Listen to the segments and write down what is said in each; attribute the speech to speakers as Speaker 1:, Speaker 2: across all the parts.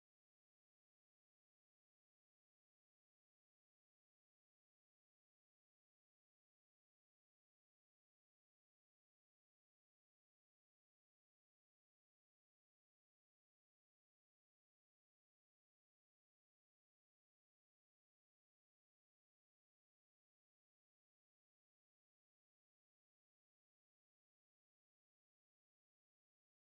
Speaker 1: or this friends. Hi,
Speaker 2: Hello,
Speaker 1: Dre.
Speaker 2: hello, Kranz.
Speaker 1: How are you?
Speaker 2: Ah, I'm
Speaker 1: Yeah,
Speaker 2: doing fine
Speaker 1: hello.
Speaker 2: here. Thank you. Thank you for
Speaker 1: Perfect, perfect.
Speaker 2: your time also with Rand. And yeah, so um, the same with Rand actually. What?
Speaker 1: Mm-hmm. hmm
Speaker 2: Yes.
Speaker 1: Yeah.
Speaker 2: What happened is that?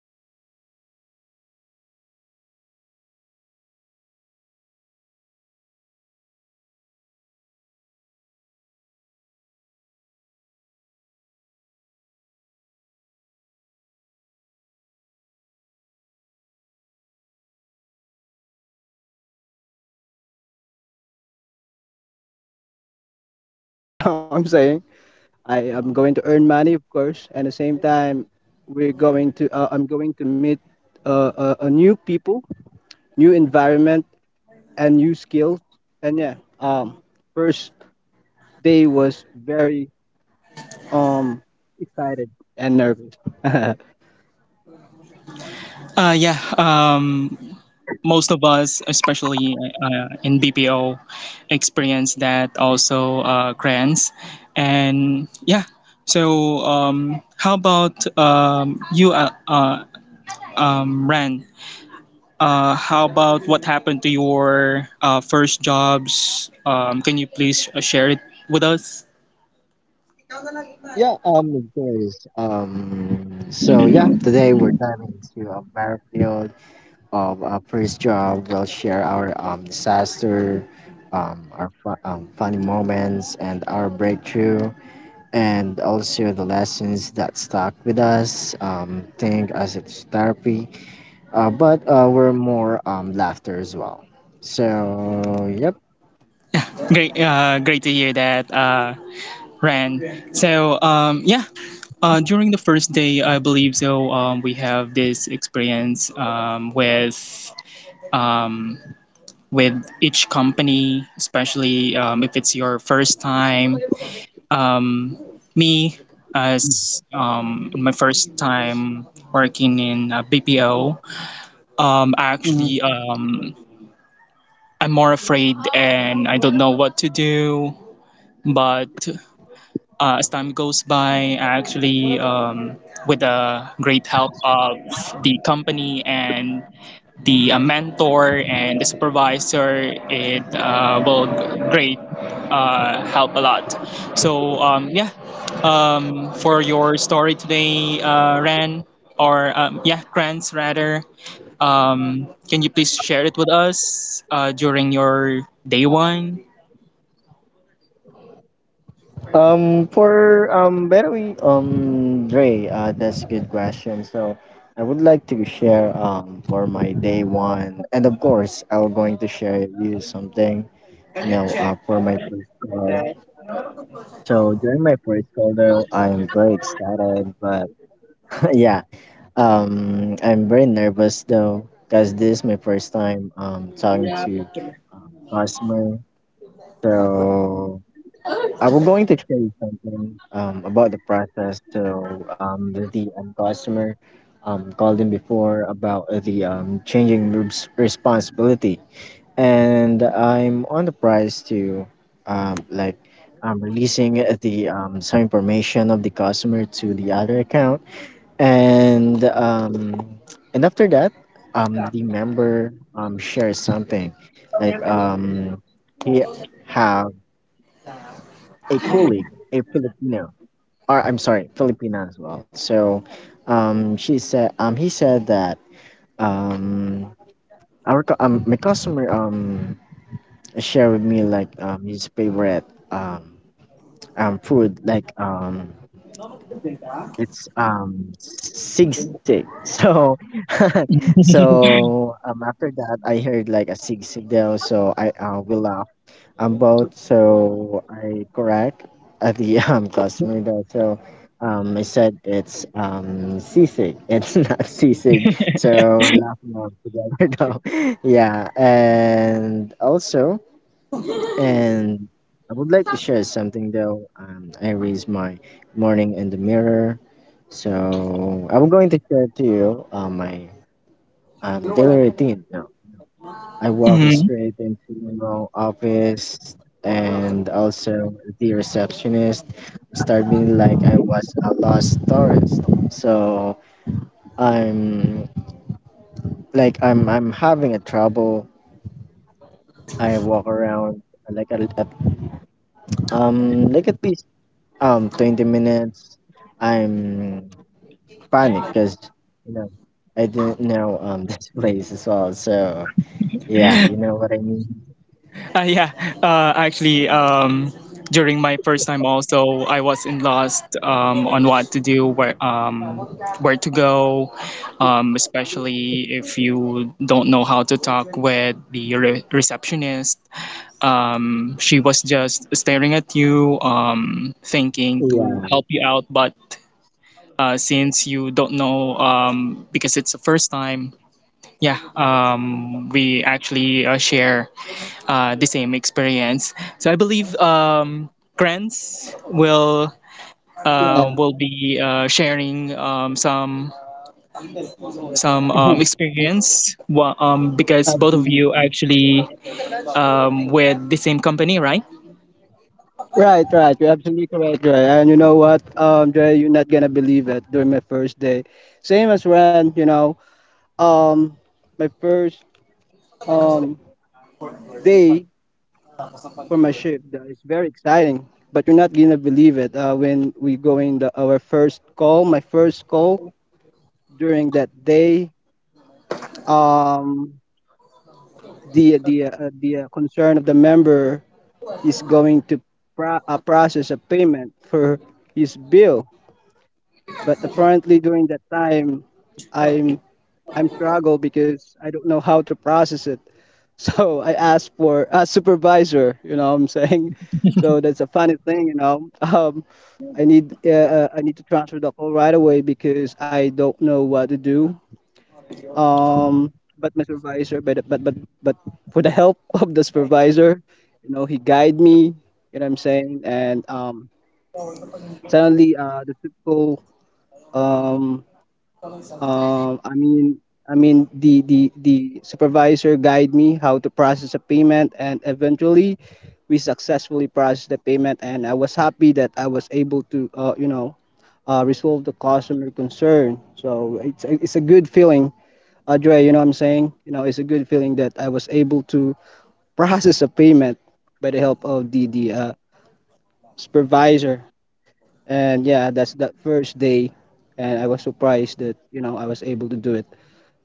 Speaker 1: By the way, Dre, thanks for having me. It's a pleasure to have your on your show. It's a pleasure to be here, and I'm so excited to share my experiences during my first job. You know, um, First day that was very exciting. Um, of course, that would be. I felt myself that I'm fully adult. You know what I'm saying? I am going to earn money, of course, and at the same time, we're going to. I'm going to meet a new people, new environment, and new skills. And yeah, first day was very um excited and nervous.
Speaker 2: Yeah. Most of us, especially in BPO, experience that also grants. And yeah. How about Rand? How about what happened to your first jobs? Can you please share it with us?
Speaker 1: Yeah, of course. So yeah, today we're diving into a battlefield of our first job. We'll share our disaster, our funny moments and our breakthrough, and also the lessons that stuck with us. Think as it's therapy, but we're more laughter as well. So yep.
Speaker 2: Great, great to hear that, Ran. So, yeah, during the first day, I believe so. We have this experience um, with each company, especially if it's your first time. Um, me, as my first time working in a BPO. Um,
Speaker 1: Mhm.
Speaker 2: actually, um, I'm more afraid and I don't know what to do. But as time goes by, actually, with the great help of the company and the mentor and the supervisor, it will great help a lot. Yeah, For your story today, Ran, or yeah, Grants rather. Can you please share it with us during your day one?
Speaker 1: For by the way, Dre, that's a good question. So I would like to share for my day one, and of course I'm going to share you something. You know, for my first call. So during my first call, though, I'm very excited, but yeah. I'm very nervous though, cause this is my first time talking to customer. So I'm going to share you something about the process. So the customer called in before about the changing responsibility, and I'm on the price to like I'm releasing the some information of the customer to the other account, and um and after that the member shares something like he have a colleague, a Filipino, or I'm sorry, Filipina as well. So she said he said that um my customer shared with me like his favorite um food like it's zigzag. So so after that I heard like a zigzag though, so I we laugh both, so I correct at the customer though. So I said it's zigzag. It's not zigzag. So we're laughing all together though. Yeah, and I would like to share something though. I raised my morning in the mirror. So I'm going to share to you my daily routine now. I walk
Speaker 2: Mhm.
Speaker 1: straight into my office, and also the receptionist start being like I was a lost tourist. So I'm I'm having a trouble. I walk around like like at least 20 minutes. I'm panicked because, you know, I didn't know this place as well. So yeah, you know what I mean.
Speaker 2: Yeah, actually, during my first time also, I was in lost on what to do, where to go, especially if you don't know how to talk with the receptionist. She was just staring at you, thinking to
Speaker 1: Yeah,
Speaker 2: help you out, but since you don't know because it's the first time, yeah, we actually share the same experience. So I believe Grants
Speaker 1: yeah,
Speaker 2: will be sharing some experience. Because both of you
Speaker 1: absolutely.
Speaker 2: actually with the same company, right?
Speaker 1: Right, right. You're absolutely correct, Dre. And you know what, Dre, you're not gonna believe it. During my first day, same as Ren, you know, um, my first um day for my shift is very exciting. But you're not gonna believe it. When we go in our first call, my first call, during that day, um the concern of the member is going to process a payment for his bill. But apparently during that time, i'm I'm struggle because I don't know how to process it. So I asked for a supervisor, you know what I'm saying. So that's a funny thing, you know. I need to transfer the call right away because I don't know what to do. But my supervisor but For the help of the supervisor, you know, he guide me, you know what I'm saying. And suddenly the typical um um I mean I mean the supervisor guide me how to process a payment, and eventually we successfully processed the payment, and I was happy that I was able to you know, resolve the customer concern. So it's a good feeling, Audrey, you know what I'm saying? You know, it's a good feeling that I was able to process a payment by the help of the supervisor. And yeah, that's that first day. And I was surprised that, you know, I was able to do it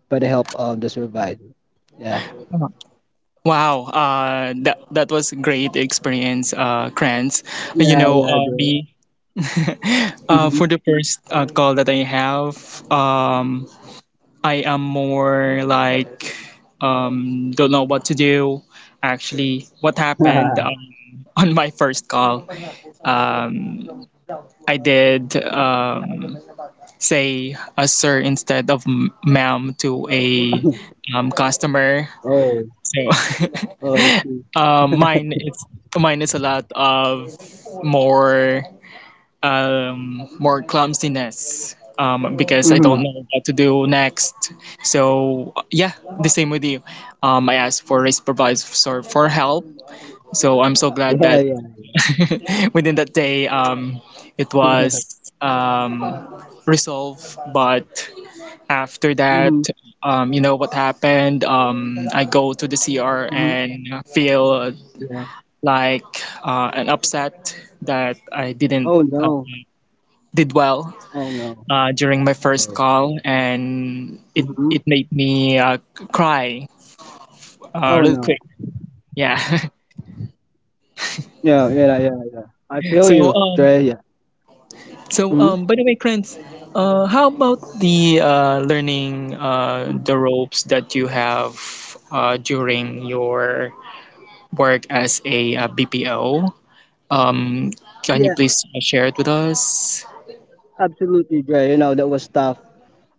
Speaker 1: by the help of the supervisor. Yeah.
Speaker 2: Wow, that that was a great experience, Kranz. You
Speaker 1: Yeah,
Speaker 2: know,
Speaker 1: yeah, Audrey.
Speaker 2: me,
Speaker 1: Mm-hmm.
Speaker 2: for the first call that I have, um, I am more like don't know what to do. Actually, what happened on my first call? Um, I did say a sir instead of ma'am to a customer.
Speaker 1: Oh,
Speaker 2: So
Speaker 1: oh, I see.
Speaker 2: mine it's mine is a lot of more more clumsiness because I
Speaker 1: Mm-hmm.
Speaker 2: don't know what to do next. So yeah, the same with you. I asked for a supervisor for help. So I'm so glad
Speaker 1: Yeah,
Speaker 2: that
Speaker 1: yeah.
Speaker 2: within that day it was resolved. But after that,
Speaker 1: Mm-hmm.
Speaker 2: you know what happened? I go to the CR
Speaker 1: Mm-hmm.
Speaker 2: and feel
Speaker 1: Yeah.
Speaker 2: like an upset that I didn't
Speaker 1: Oh
Speaker 2: uh,
Speaker 1: no.
Speaker 2: did well
Speaker 1: Oh no.
Speaker 2: during my first
Speaker 1: Oh.
Speaker 2: call, and it
Speaker 1: Mm-hmm.
Speaker 2: it made me cry
Speaker 1: Oh
Speaker 2: real
Speaker 1: no.
Speaker 2: quick. Yeah.
Speaker 1: Yeah, yeah, yeah. I feel
Speaker 2: so
Speaker 1: you,
Speaker 2: um,
Speaker 1: Dre. Yeah. Mm-hmm.
Speaker 2: by the way, Krantz, how about the learning the ropes that you have during your work as a BPO? Um, can you
Speaker 1: Yeah,
Speaker 2: please share it with us?
Speaker 1: absolutely, Dre. You know, that was tough.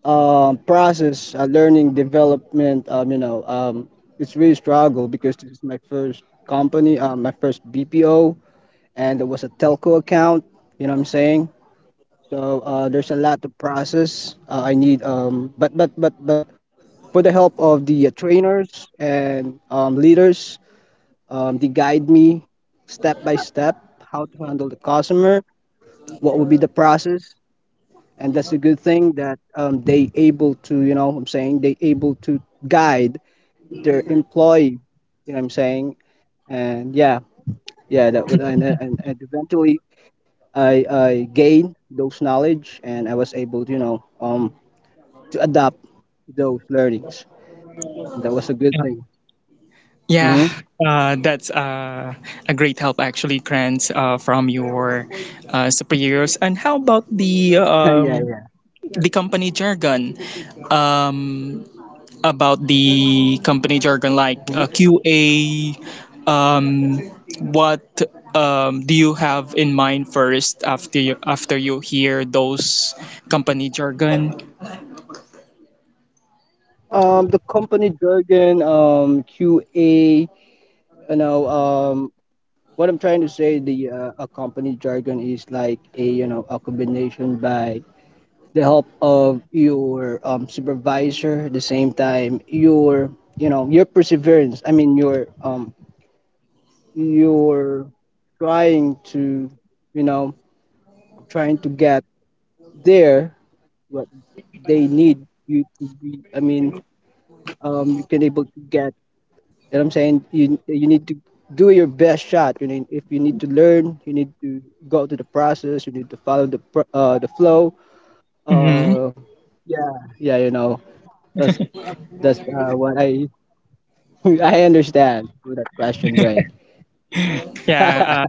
Speaker 1: Process, learning, development. It's really struggle because this is my first company, my first BPO, and it was a telco account. You know what I'm saying? So there's a lot to process. I need, but for the help of the trainers and leaders, they guide me step by step how to handle the customer, what would be the process, and that's a good thing that, they able to, you know what I'm saying, they able to guide their employee, you know what I'm saying. And yeah yeah that would and eventually I gained those knowledge, and I was able, you know, to adapt those learnings, and that was a good thing.
Speaker 2: Yeah,
Speaker 1: Mm-hmm.
Speaker 2: that's a great help actually, Krantz, from your superiors. And how about
Speaker 1: Yeah, yeah.
Speaker 2: the company jargon? Um, about the company jargon, like
Speaker 1: Mhm.
Speaker 2: QA. Um, what do you have in mind first after you hear those company jargon?
Speaker 1: The company jargon, QA, you know um what I'm trying to say, the a company jargon is like, a you know, a combination by the help of your supervisor, at the same time your, you know, your perseverance. I mean your your trying to, you know, trying to get there what they need you to be. I mean, you can able to get. You know what I'm saying? You need to do your best shot. You need, if you need to learn, you need to go to the process. You need to follow the the flow.
Speaker 2: hmm
Speaker 1: Uh, yeah, yeah. You know, that's that's what I I understand with that question, Dre.
Speaker 2: Yeah,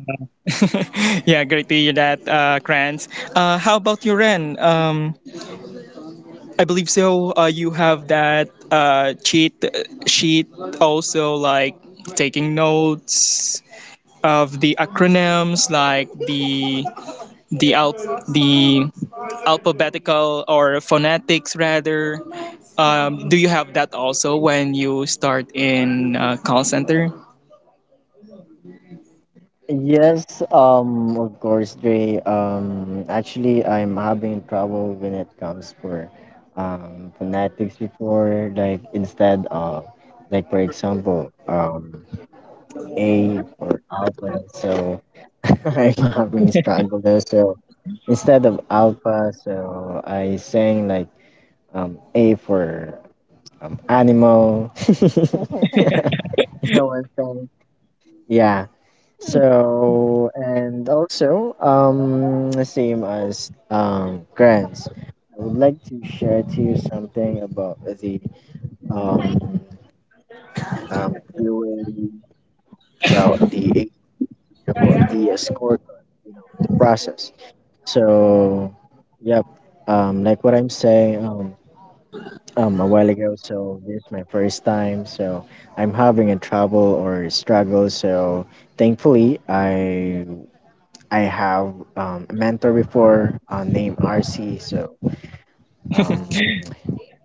Speaker 2: yeah, great to hear that, Krantz. How about you, Ren? I believe so. You have that cheat sheet also like taking notes of the acronyms like the alphabetical or phonetics rather. Do you have that also when you start in call center?
Speaker 1: Yes, of course, Dre. Actually, I'm having trouble when it comes for phonetics before. Like instead of, like for example, A for alpha, so I'm having a struggle there. So instead of alpha, so I sang like A for animal. You know what I'm saying? Yeah. So and also same as grants. I would like to share to you something about the um QA about the about the scorecard, you know, the process. So, yep, like what I'm saying a while ago. So this is my first time. So I'm having a trouble or struggle. So thankfully, I have a mentor before named RC. So um,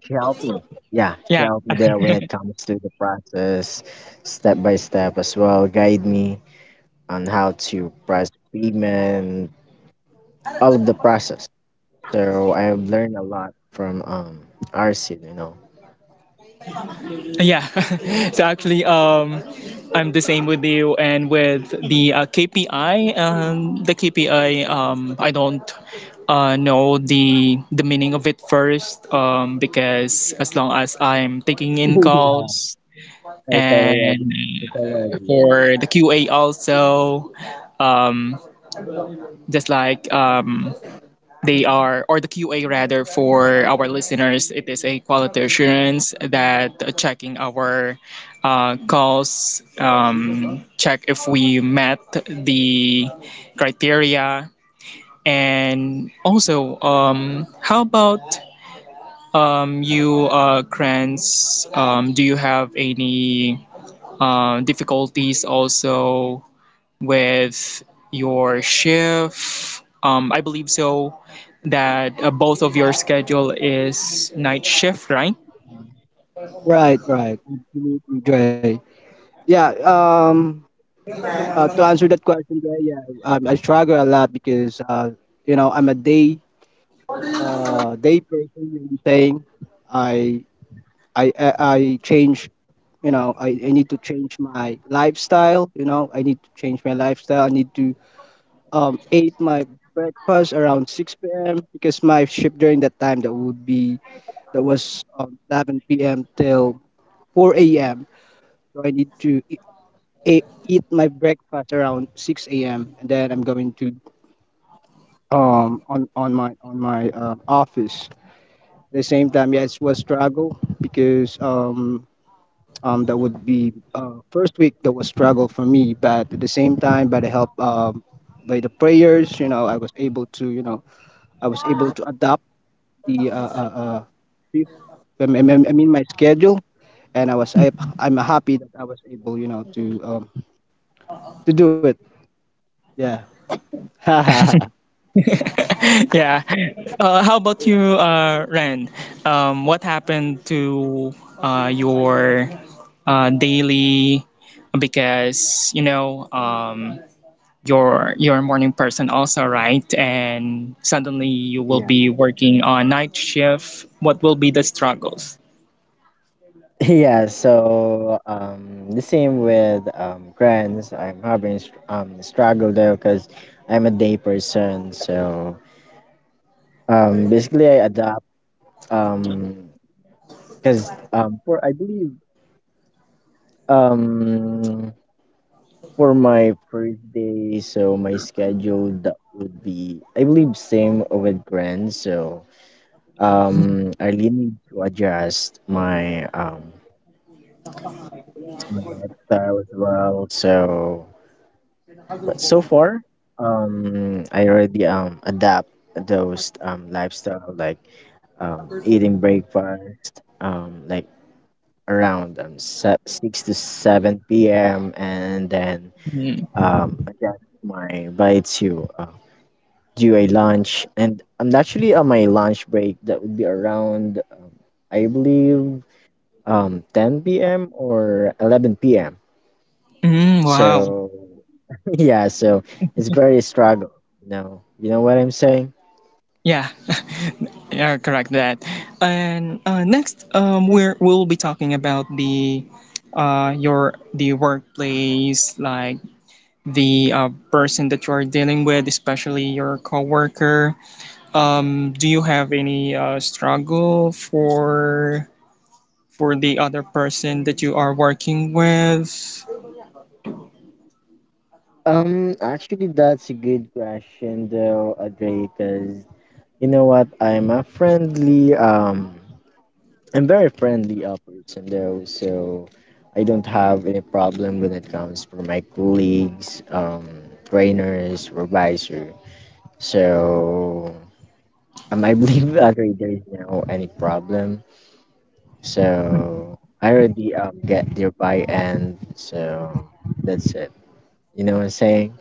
Speaker 1: she helped me. Yeah, she
Speaker 2: Yeah,
Speaker 1: helped me there when it comes to the process, step by step as well, guide me on how to press pigment all of the process. So I've learned a lot from Arsid, you know.
Speaker 2: yeah, so actually, um, I'm the same with you and with the KPI. The KPI, I don't know the meaning of it first because as long as I'm taking in calls
Speaker 1: I totally agree.
Speaker 2: and
Speaker 1: I totally agree with you.
Speaker 2: for the QA also, um, just like they are, or the QA rather, for our listeners, it is a quality assurance that checking our calls, check if we met the criteria, and also, how about Kranz? Do you have any difficulties also with your shift? I believe so that both of your schedule is night shift, right?
Speaker 1: Right, right. Absolutely, Dre. Yeah, to answer that question, Dre, yeah, I struggle a lot because, you know, I'm a day, day person, you know what I'm saying? I, I change, you know, I need to change my lifestyle, you know, I need to change my lifestyle. I need to ate my breakfast around 6 p.m. because my shift during that time that would be that was 11 p.m. till 4 a.m. So I need to eat, eat my breakfast around 6 a.m., and then I'm going to on my office. At the same time, yeah, it was struggle because. That would be first week that was struggle for me, but at the same time, by the help by the prayers, I was able to, I was able to adapt the trip. I mean my schedule, and I'm happy that I was able, to do it. Yeah.
Speaker 2: yeah. How about you, Rand? What happened to your daily? Because you know, you're you're a morning person also, right? And suddenly you will
Speaker 1: Yeah.
Speaker 2: be working on night shift. What will be the struggles?
Speaker 1: Yeah, so the same with grants. I'm having struggle there because I'm a day person. So basically I adapt um because for I believe um for my first day, so my schedule that would be, I believe, same with Grand. So I really need to adjust my my lifestyle as well. So, but so far, I already adapt those lifestyle like eating breakfast like around six to seven p.m. and then
Speaker 2: Mm.
Speaker 1: adjust my bite to do a lunch, and I'm naturally on my lunch break that would be around I believe 10 p.m or 11 p.m.
Speaker 2: Mm, wow.
Speaker 1: So yeah, so it's very struggle. No, you know what I'm saying?
Speaker 2: Yeah, yeah, correct that. And next, we'll be talking about the your the workplace, like the person that you are dealing with, especially your coworker. Do you have any struggle for the other person that you are working with?
Speaker 1: Actually, that's a good question though, Audrey, because you know what, I'm a friendly I'm very friendly person though, so I don't have any problem when it comes for my colleagues, trainers, supervisor. So I believe actually there is no any problem. So I already get their, and so that's it. You know what I'm saying?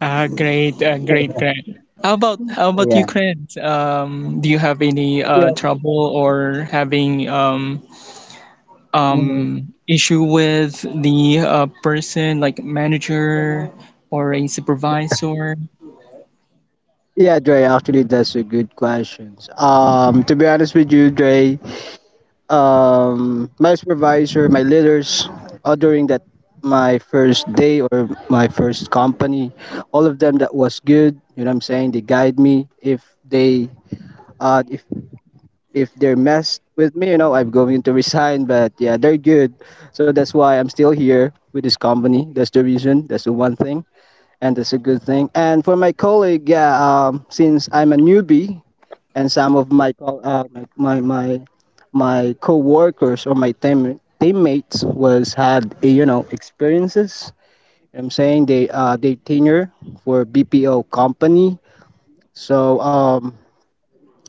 Speaker 2: Great, great, great. How about you,
Speaker 1: Yeah.
Speaker 2: Craig? Do you have any
Speaker 1: Yeah.
Speaker 2: trouble or having
Speaker 1: Mhm.
Speaker 2: issue with the person like manager or a supervisor?
Speaker 1: Yeah, Dre, actually that's a good question. To be honest with you, Dre, my supervisor, my leaders, during that my first day or my first company, all of them that was good. You know what I'm saying? They guide me. If they uh, if if they're messed with me, you know, I'm going to resign. But yeah, they're good. So that's why I'm still here with this company. That's the reason. That's the one thing. And that's a good thing. And for my colleague, yeah, since I'm a newbie and some of my co- my my my my co-workers or my teammates was had eh, you know, experiences, I'm saying they tenure for BPO company. So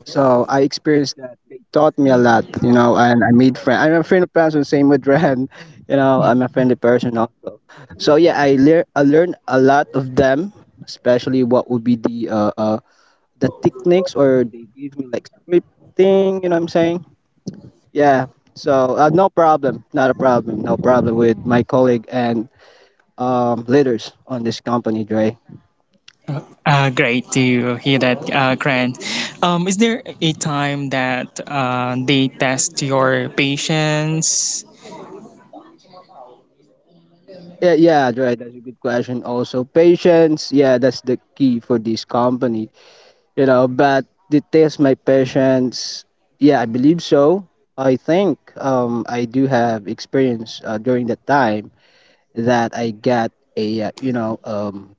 Speaker 1: so I experienced that they taught me a lot, you know, and I made friends. I'm a friend of person, same with Ren. You know, I'm a friendly person also. So yeah, I learned a lot of them, especially what would be the techniques, or they gave me like scripting, you know what I'm saying? Yeah. So no problem, not a problem, no problem with my colleague and leaders on this company, Dre.
Speaker 2: Great to hear that, Grant. Is there a time that they test your patience?
Speaker 1: Yeah, yeah, Dre, that's a good question. Also, patience, yeah, that's the key for this company, you know. But they test my patience. Yeah, I believe so. I think I do have experience during the time that I got a you know um,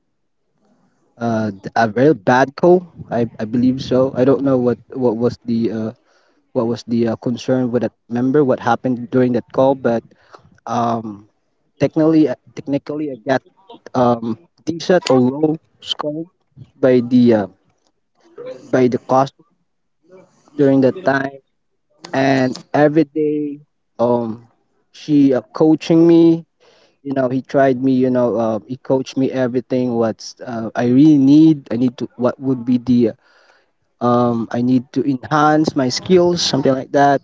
Speaker 1: uh th- a very bad call. I believe so. I don't know what was the concern with that member. What happened during that call? But um technically technically I got um decent or low score by the uh, by the cost during that time. And every day um she coaching me. You know, he tried me. You know, he coached me everything. What's I really need? I need to. What would be the I need to enhance my skills, something like that.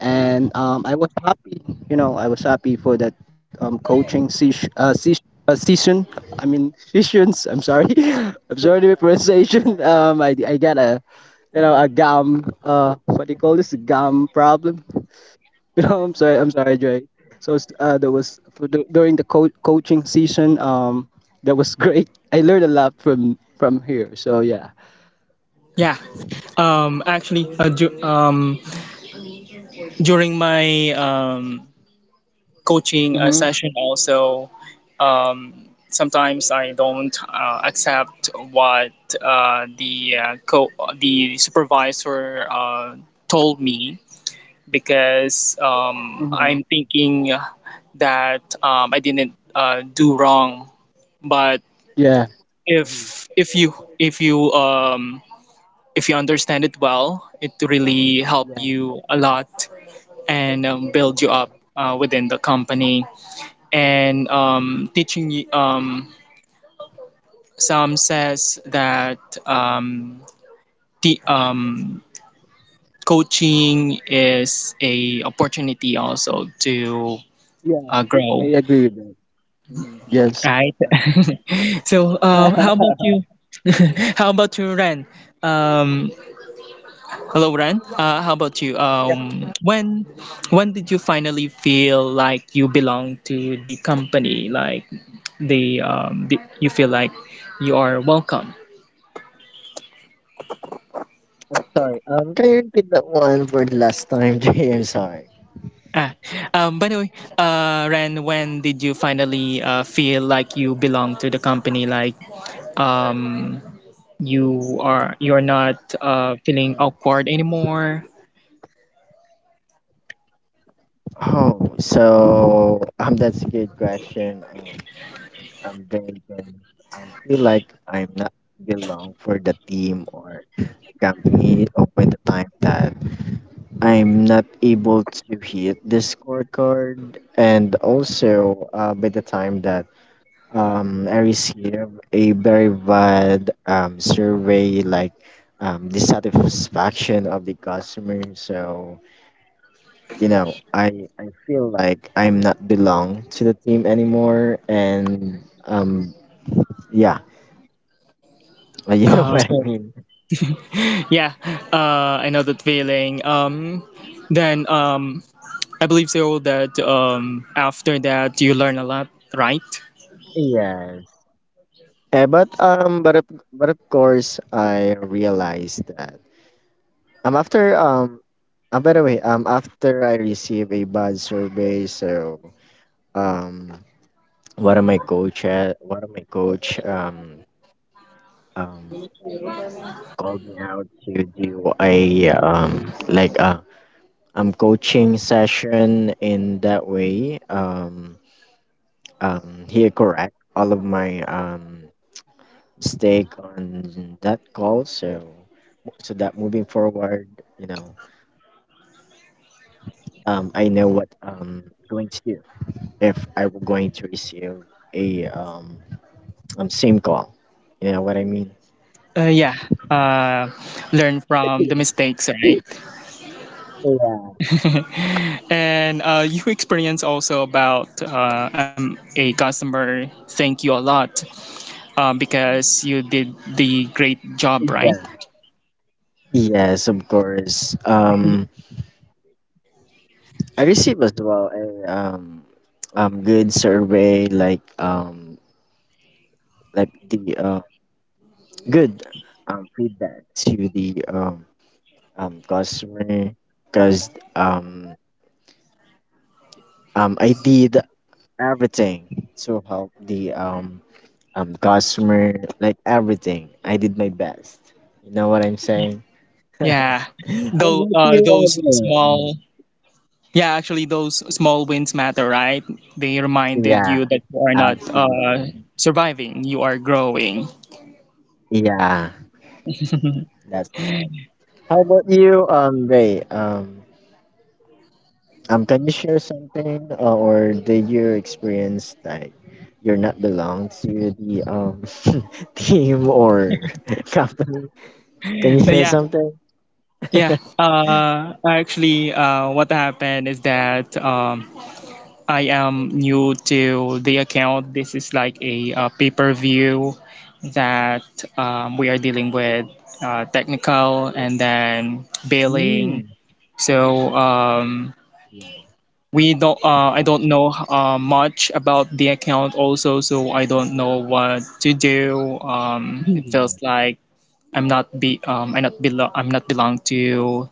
Speaker 1: And I was happy, you know, I was happy for that coaching sesh sesh session. I mean, sessions. I'm sorry, I'm sorry to my pronunciation. I got a, you know, a gum. What do you call this? A gum problem. You know, I'm sorry. I'm sorry, Dre. So there was for the, during the coaching season. That was great. I learned a lot from here. So yeah.
Speaker 2: Yeah. Um, actually, uh, du- um, During my coaching
Speaker 1: Mhm.
Speaker 2: session also, um, sometimes I don't accept what uh, the uh, co- the supervisor told me because
Speaker 1: Mhm.
Speaker 2: I'm thinking that I didn't do wrong. But
Speaker 1: Hmm.
Speaker 2: if you if you understand it well, it really help
Speaker 1: Yeah,
Speaker 2: you a lot and build you
Speaker 1: yeah,
Speaker 2: up within the company and some says that um, the coaching is a opportunity also to
Speaker 1: yeah. I
Speaker 2: grow,
Speaker 1: agree with that. Yes.
Speaker 2: right? so, how about you how about you, Ren? Um, hello, Ren, how about you? When did you finally feel like you belong to the company? Like the, um, the you feel like you are welcome.
Speaker 1: I'm sorry. Can you repeat that one for the last time, Jay? I'm sorry.
Speaker 2: Ah, by the way, Ren, when did you finally feel like you belong to the company? Like, um, you are you're not feeling awkward anymore.
Speaker 1: Oh, so that's a good question. I'm very, very. I feel like I'm not belong for the team or company open the time that I'm not able to hit the scorecard, and also by the time that I received a very bad survey, like dissatisfaction of the customer. So you know, I feel like I'm not belong to the team anymore, and yeah, you know what I
Speaker 2: So
Speaker 1: mean.
Speaker 2: yeah, I know that feeling. Then I believe so that after that you learn a lot, right?
Speaker 1: Yes. Eh, but but of course, I realized that after by the way after I received a bad survey, so um one of my coach one of my coach um called me out to do a like a coaching session. In that way he correct all of my mistake on that call, so so that moving forward, you know, I know what going to do if I were going to receive a same call, you know what I mean.
Speaker 2: Yeah, uh, learn from the mistakes, right? and you experience also about a customer thank you a lot because you did the great job, right?
Speaker 1: Yeah. Yes, of course. I received as well a good survey, like the good feedback to the customer because um I did everything to help the customer, like everything. I did my best. You know what I'm saying?
Speaker 2: Yeah,
Speaker 1: How
Speaker 2: though
Speaker 1: about you,
Speaker 2: those
Speaker 1: Audrey?
Speaker 2: small, yeah, actually those small wins matter, right? They reminded
Speaker 1: Yeah,
Speaker 2: you that you are not
Speaker 1: absolutely.
Speaker 2: surviving, you are growing.
Speaker 1: Yeah, that's right. How about you, Ray? Um, can you share something, or did you experience like you're not belong to the team or company? Can you share
Speaker 2: Yeah,
Speaker 1: something?
Speaker 2: Yeah. Actually What happened is that I am new to the account. This is like a pay per view that we are dealing with technical and then billing.
Speaker 1: Mm.
Speaker 2: So we don't. I don't know much about the account also, so I don't know what to do. It feels like I'm not be. I not belong. I'm not belong to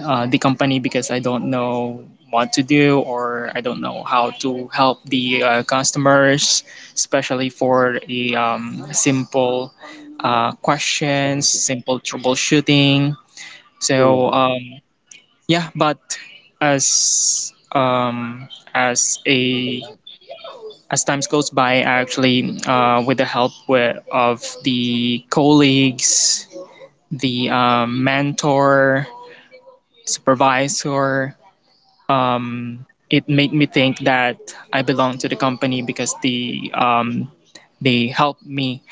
Speaker 2: the company because I don't know what to do or I don't know how to help the customers, especially for the simple questions, simple troubleshooting. So
Speaker 1: Yeah.
Speaker 2: yeah, but as um, as a
Speaker 1: Magalong.
Speaker 2: as times goes by, I actually with the of the colleagues, the mentor, supervisor, it made me think that I belong to the company because they help me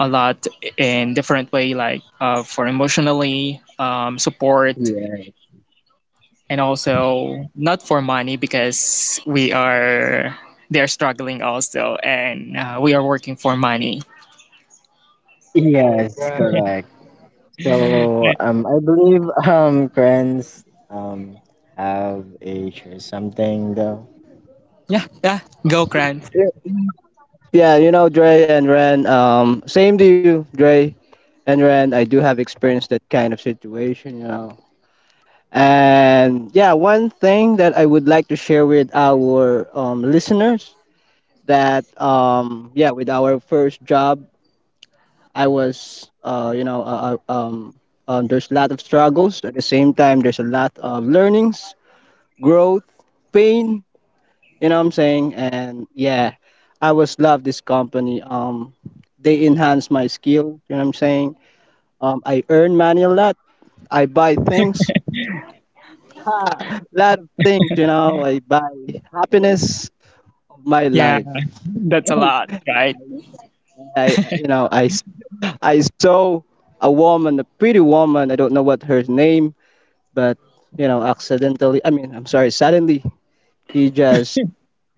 Speaker 2: a lot in different way, like for emotionally support,
Speaker 1: Yeah.
Speaker 2: and also not for money because we are they are struggling also and we are working for money.
Speaker 1: Yes, right, correct.
Speaker 2: Yeah,
Speaker 1: So, I believe friends um have a share something though.
Speaker 2: yeah, go Grant.
Speaker 1: Yeah, you know, Dre and Ren. Same to you, Dre. And Ren, I do have experienced that kind of situation, you know. And yeah, one thing that I would like to share with our listeners that yeah, with our first job, I was there's a lot of struggles. At the same time, there's a lot of learnings, growth, pain. You know what I'm saying? And yeah, I was love this company. They enhance my skill. You know what I'm saying? I earn money a lot. I buy things, a lot of things, you know. I buy happiness of my
Speaker 2: Yeah,
Speaker 1: life.
Speaker 2: that's a lot, right?
Speaker 1: I, you know, I, s- I saw a woman, a pretty woman. I don't know what her name, but you know, accidentally. I mean, I'm sorry. Suddenly, he just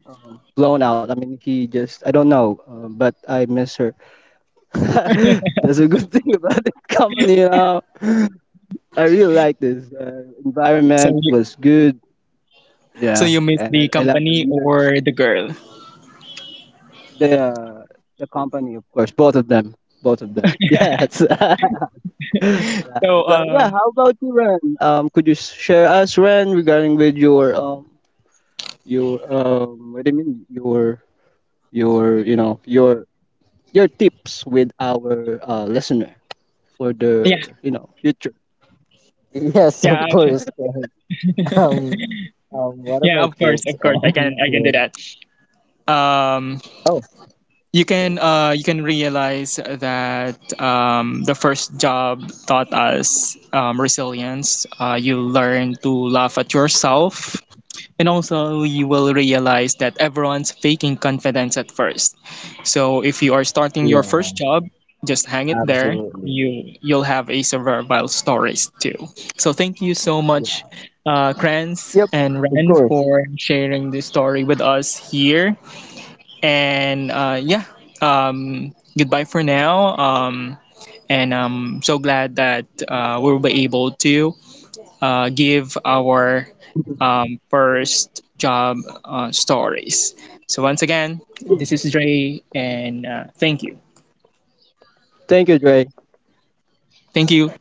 Speaker 1: blown out. I mean, he just. I don't know, but I miss her. That's a good thing about this company, you know. I really like this.
Speaker 2: So
Speaker 1: Environment
Speaker 2: you
Speaker 1: was good.
Speaker 2: so
Speaker 1: Yeah,
Speaker 2: you miss
Speaker 1: and
Speaker 2: the
Speaker 1: I love the
Speaker 2: company
Speaker 1: leaders,
Speaker 2: or the girl?
Speaker 1: the uh, the company, of course, both of them, both of them. Yes.
Speaker 2: So
Speaker 1: So yeah,
Speaker 2: um
Speaker 1: how about you, Ren? Could you share us, Ren, regarding with your what do you mean, your you know, your tips with our listener for
Speaker 2: yeah,
Speaker 1: the you know future. Yes,
Speaker 2: yeah,
Speaker 1: of course. Ken. Um, what are
Speaker 2: Yeah,
Speaker 1: my tips?
Speaker 2: of course, I can do
Speaker 1: To-
Speaker 2: that. Um,
Speaker 1: oh, sure, sure.
Speaker 2: you can realize that the first job taught us resilience. You learn to laugh at yourself, and also, you will realize that everyone's faking confidence at first. So if you are starting your
Speaker 1: Yeah,
Speaker 2: first job, just hang it there.
Speaker 1: absolutely.
Speaker 2: You'll have a survival stories too. So thank you so much, Kranz
Speaker 1: Yep,
Speaker 2: and
Speaker 1: of
Speaker 2: Ren,
Speaker 1: course.
Speaker 2: for sharing this story with us here. And yeah, goodbye for now. And I'm so glad that we will be able to give our first job stories. So, once again, this is Dre, and thank you.
Speaker 1: Thank you, Dre.
Speaker 2: Thank you.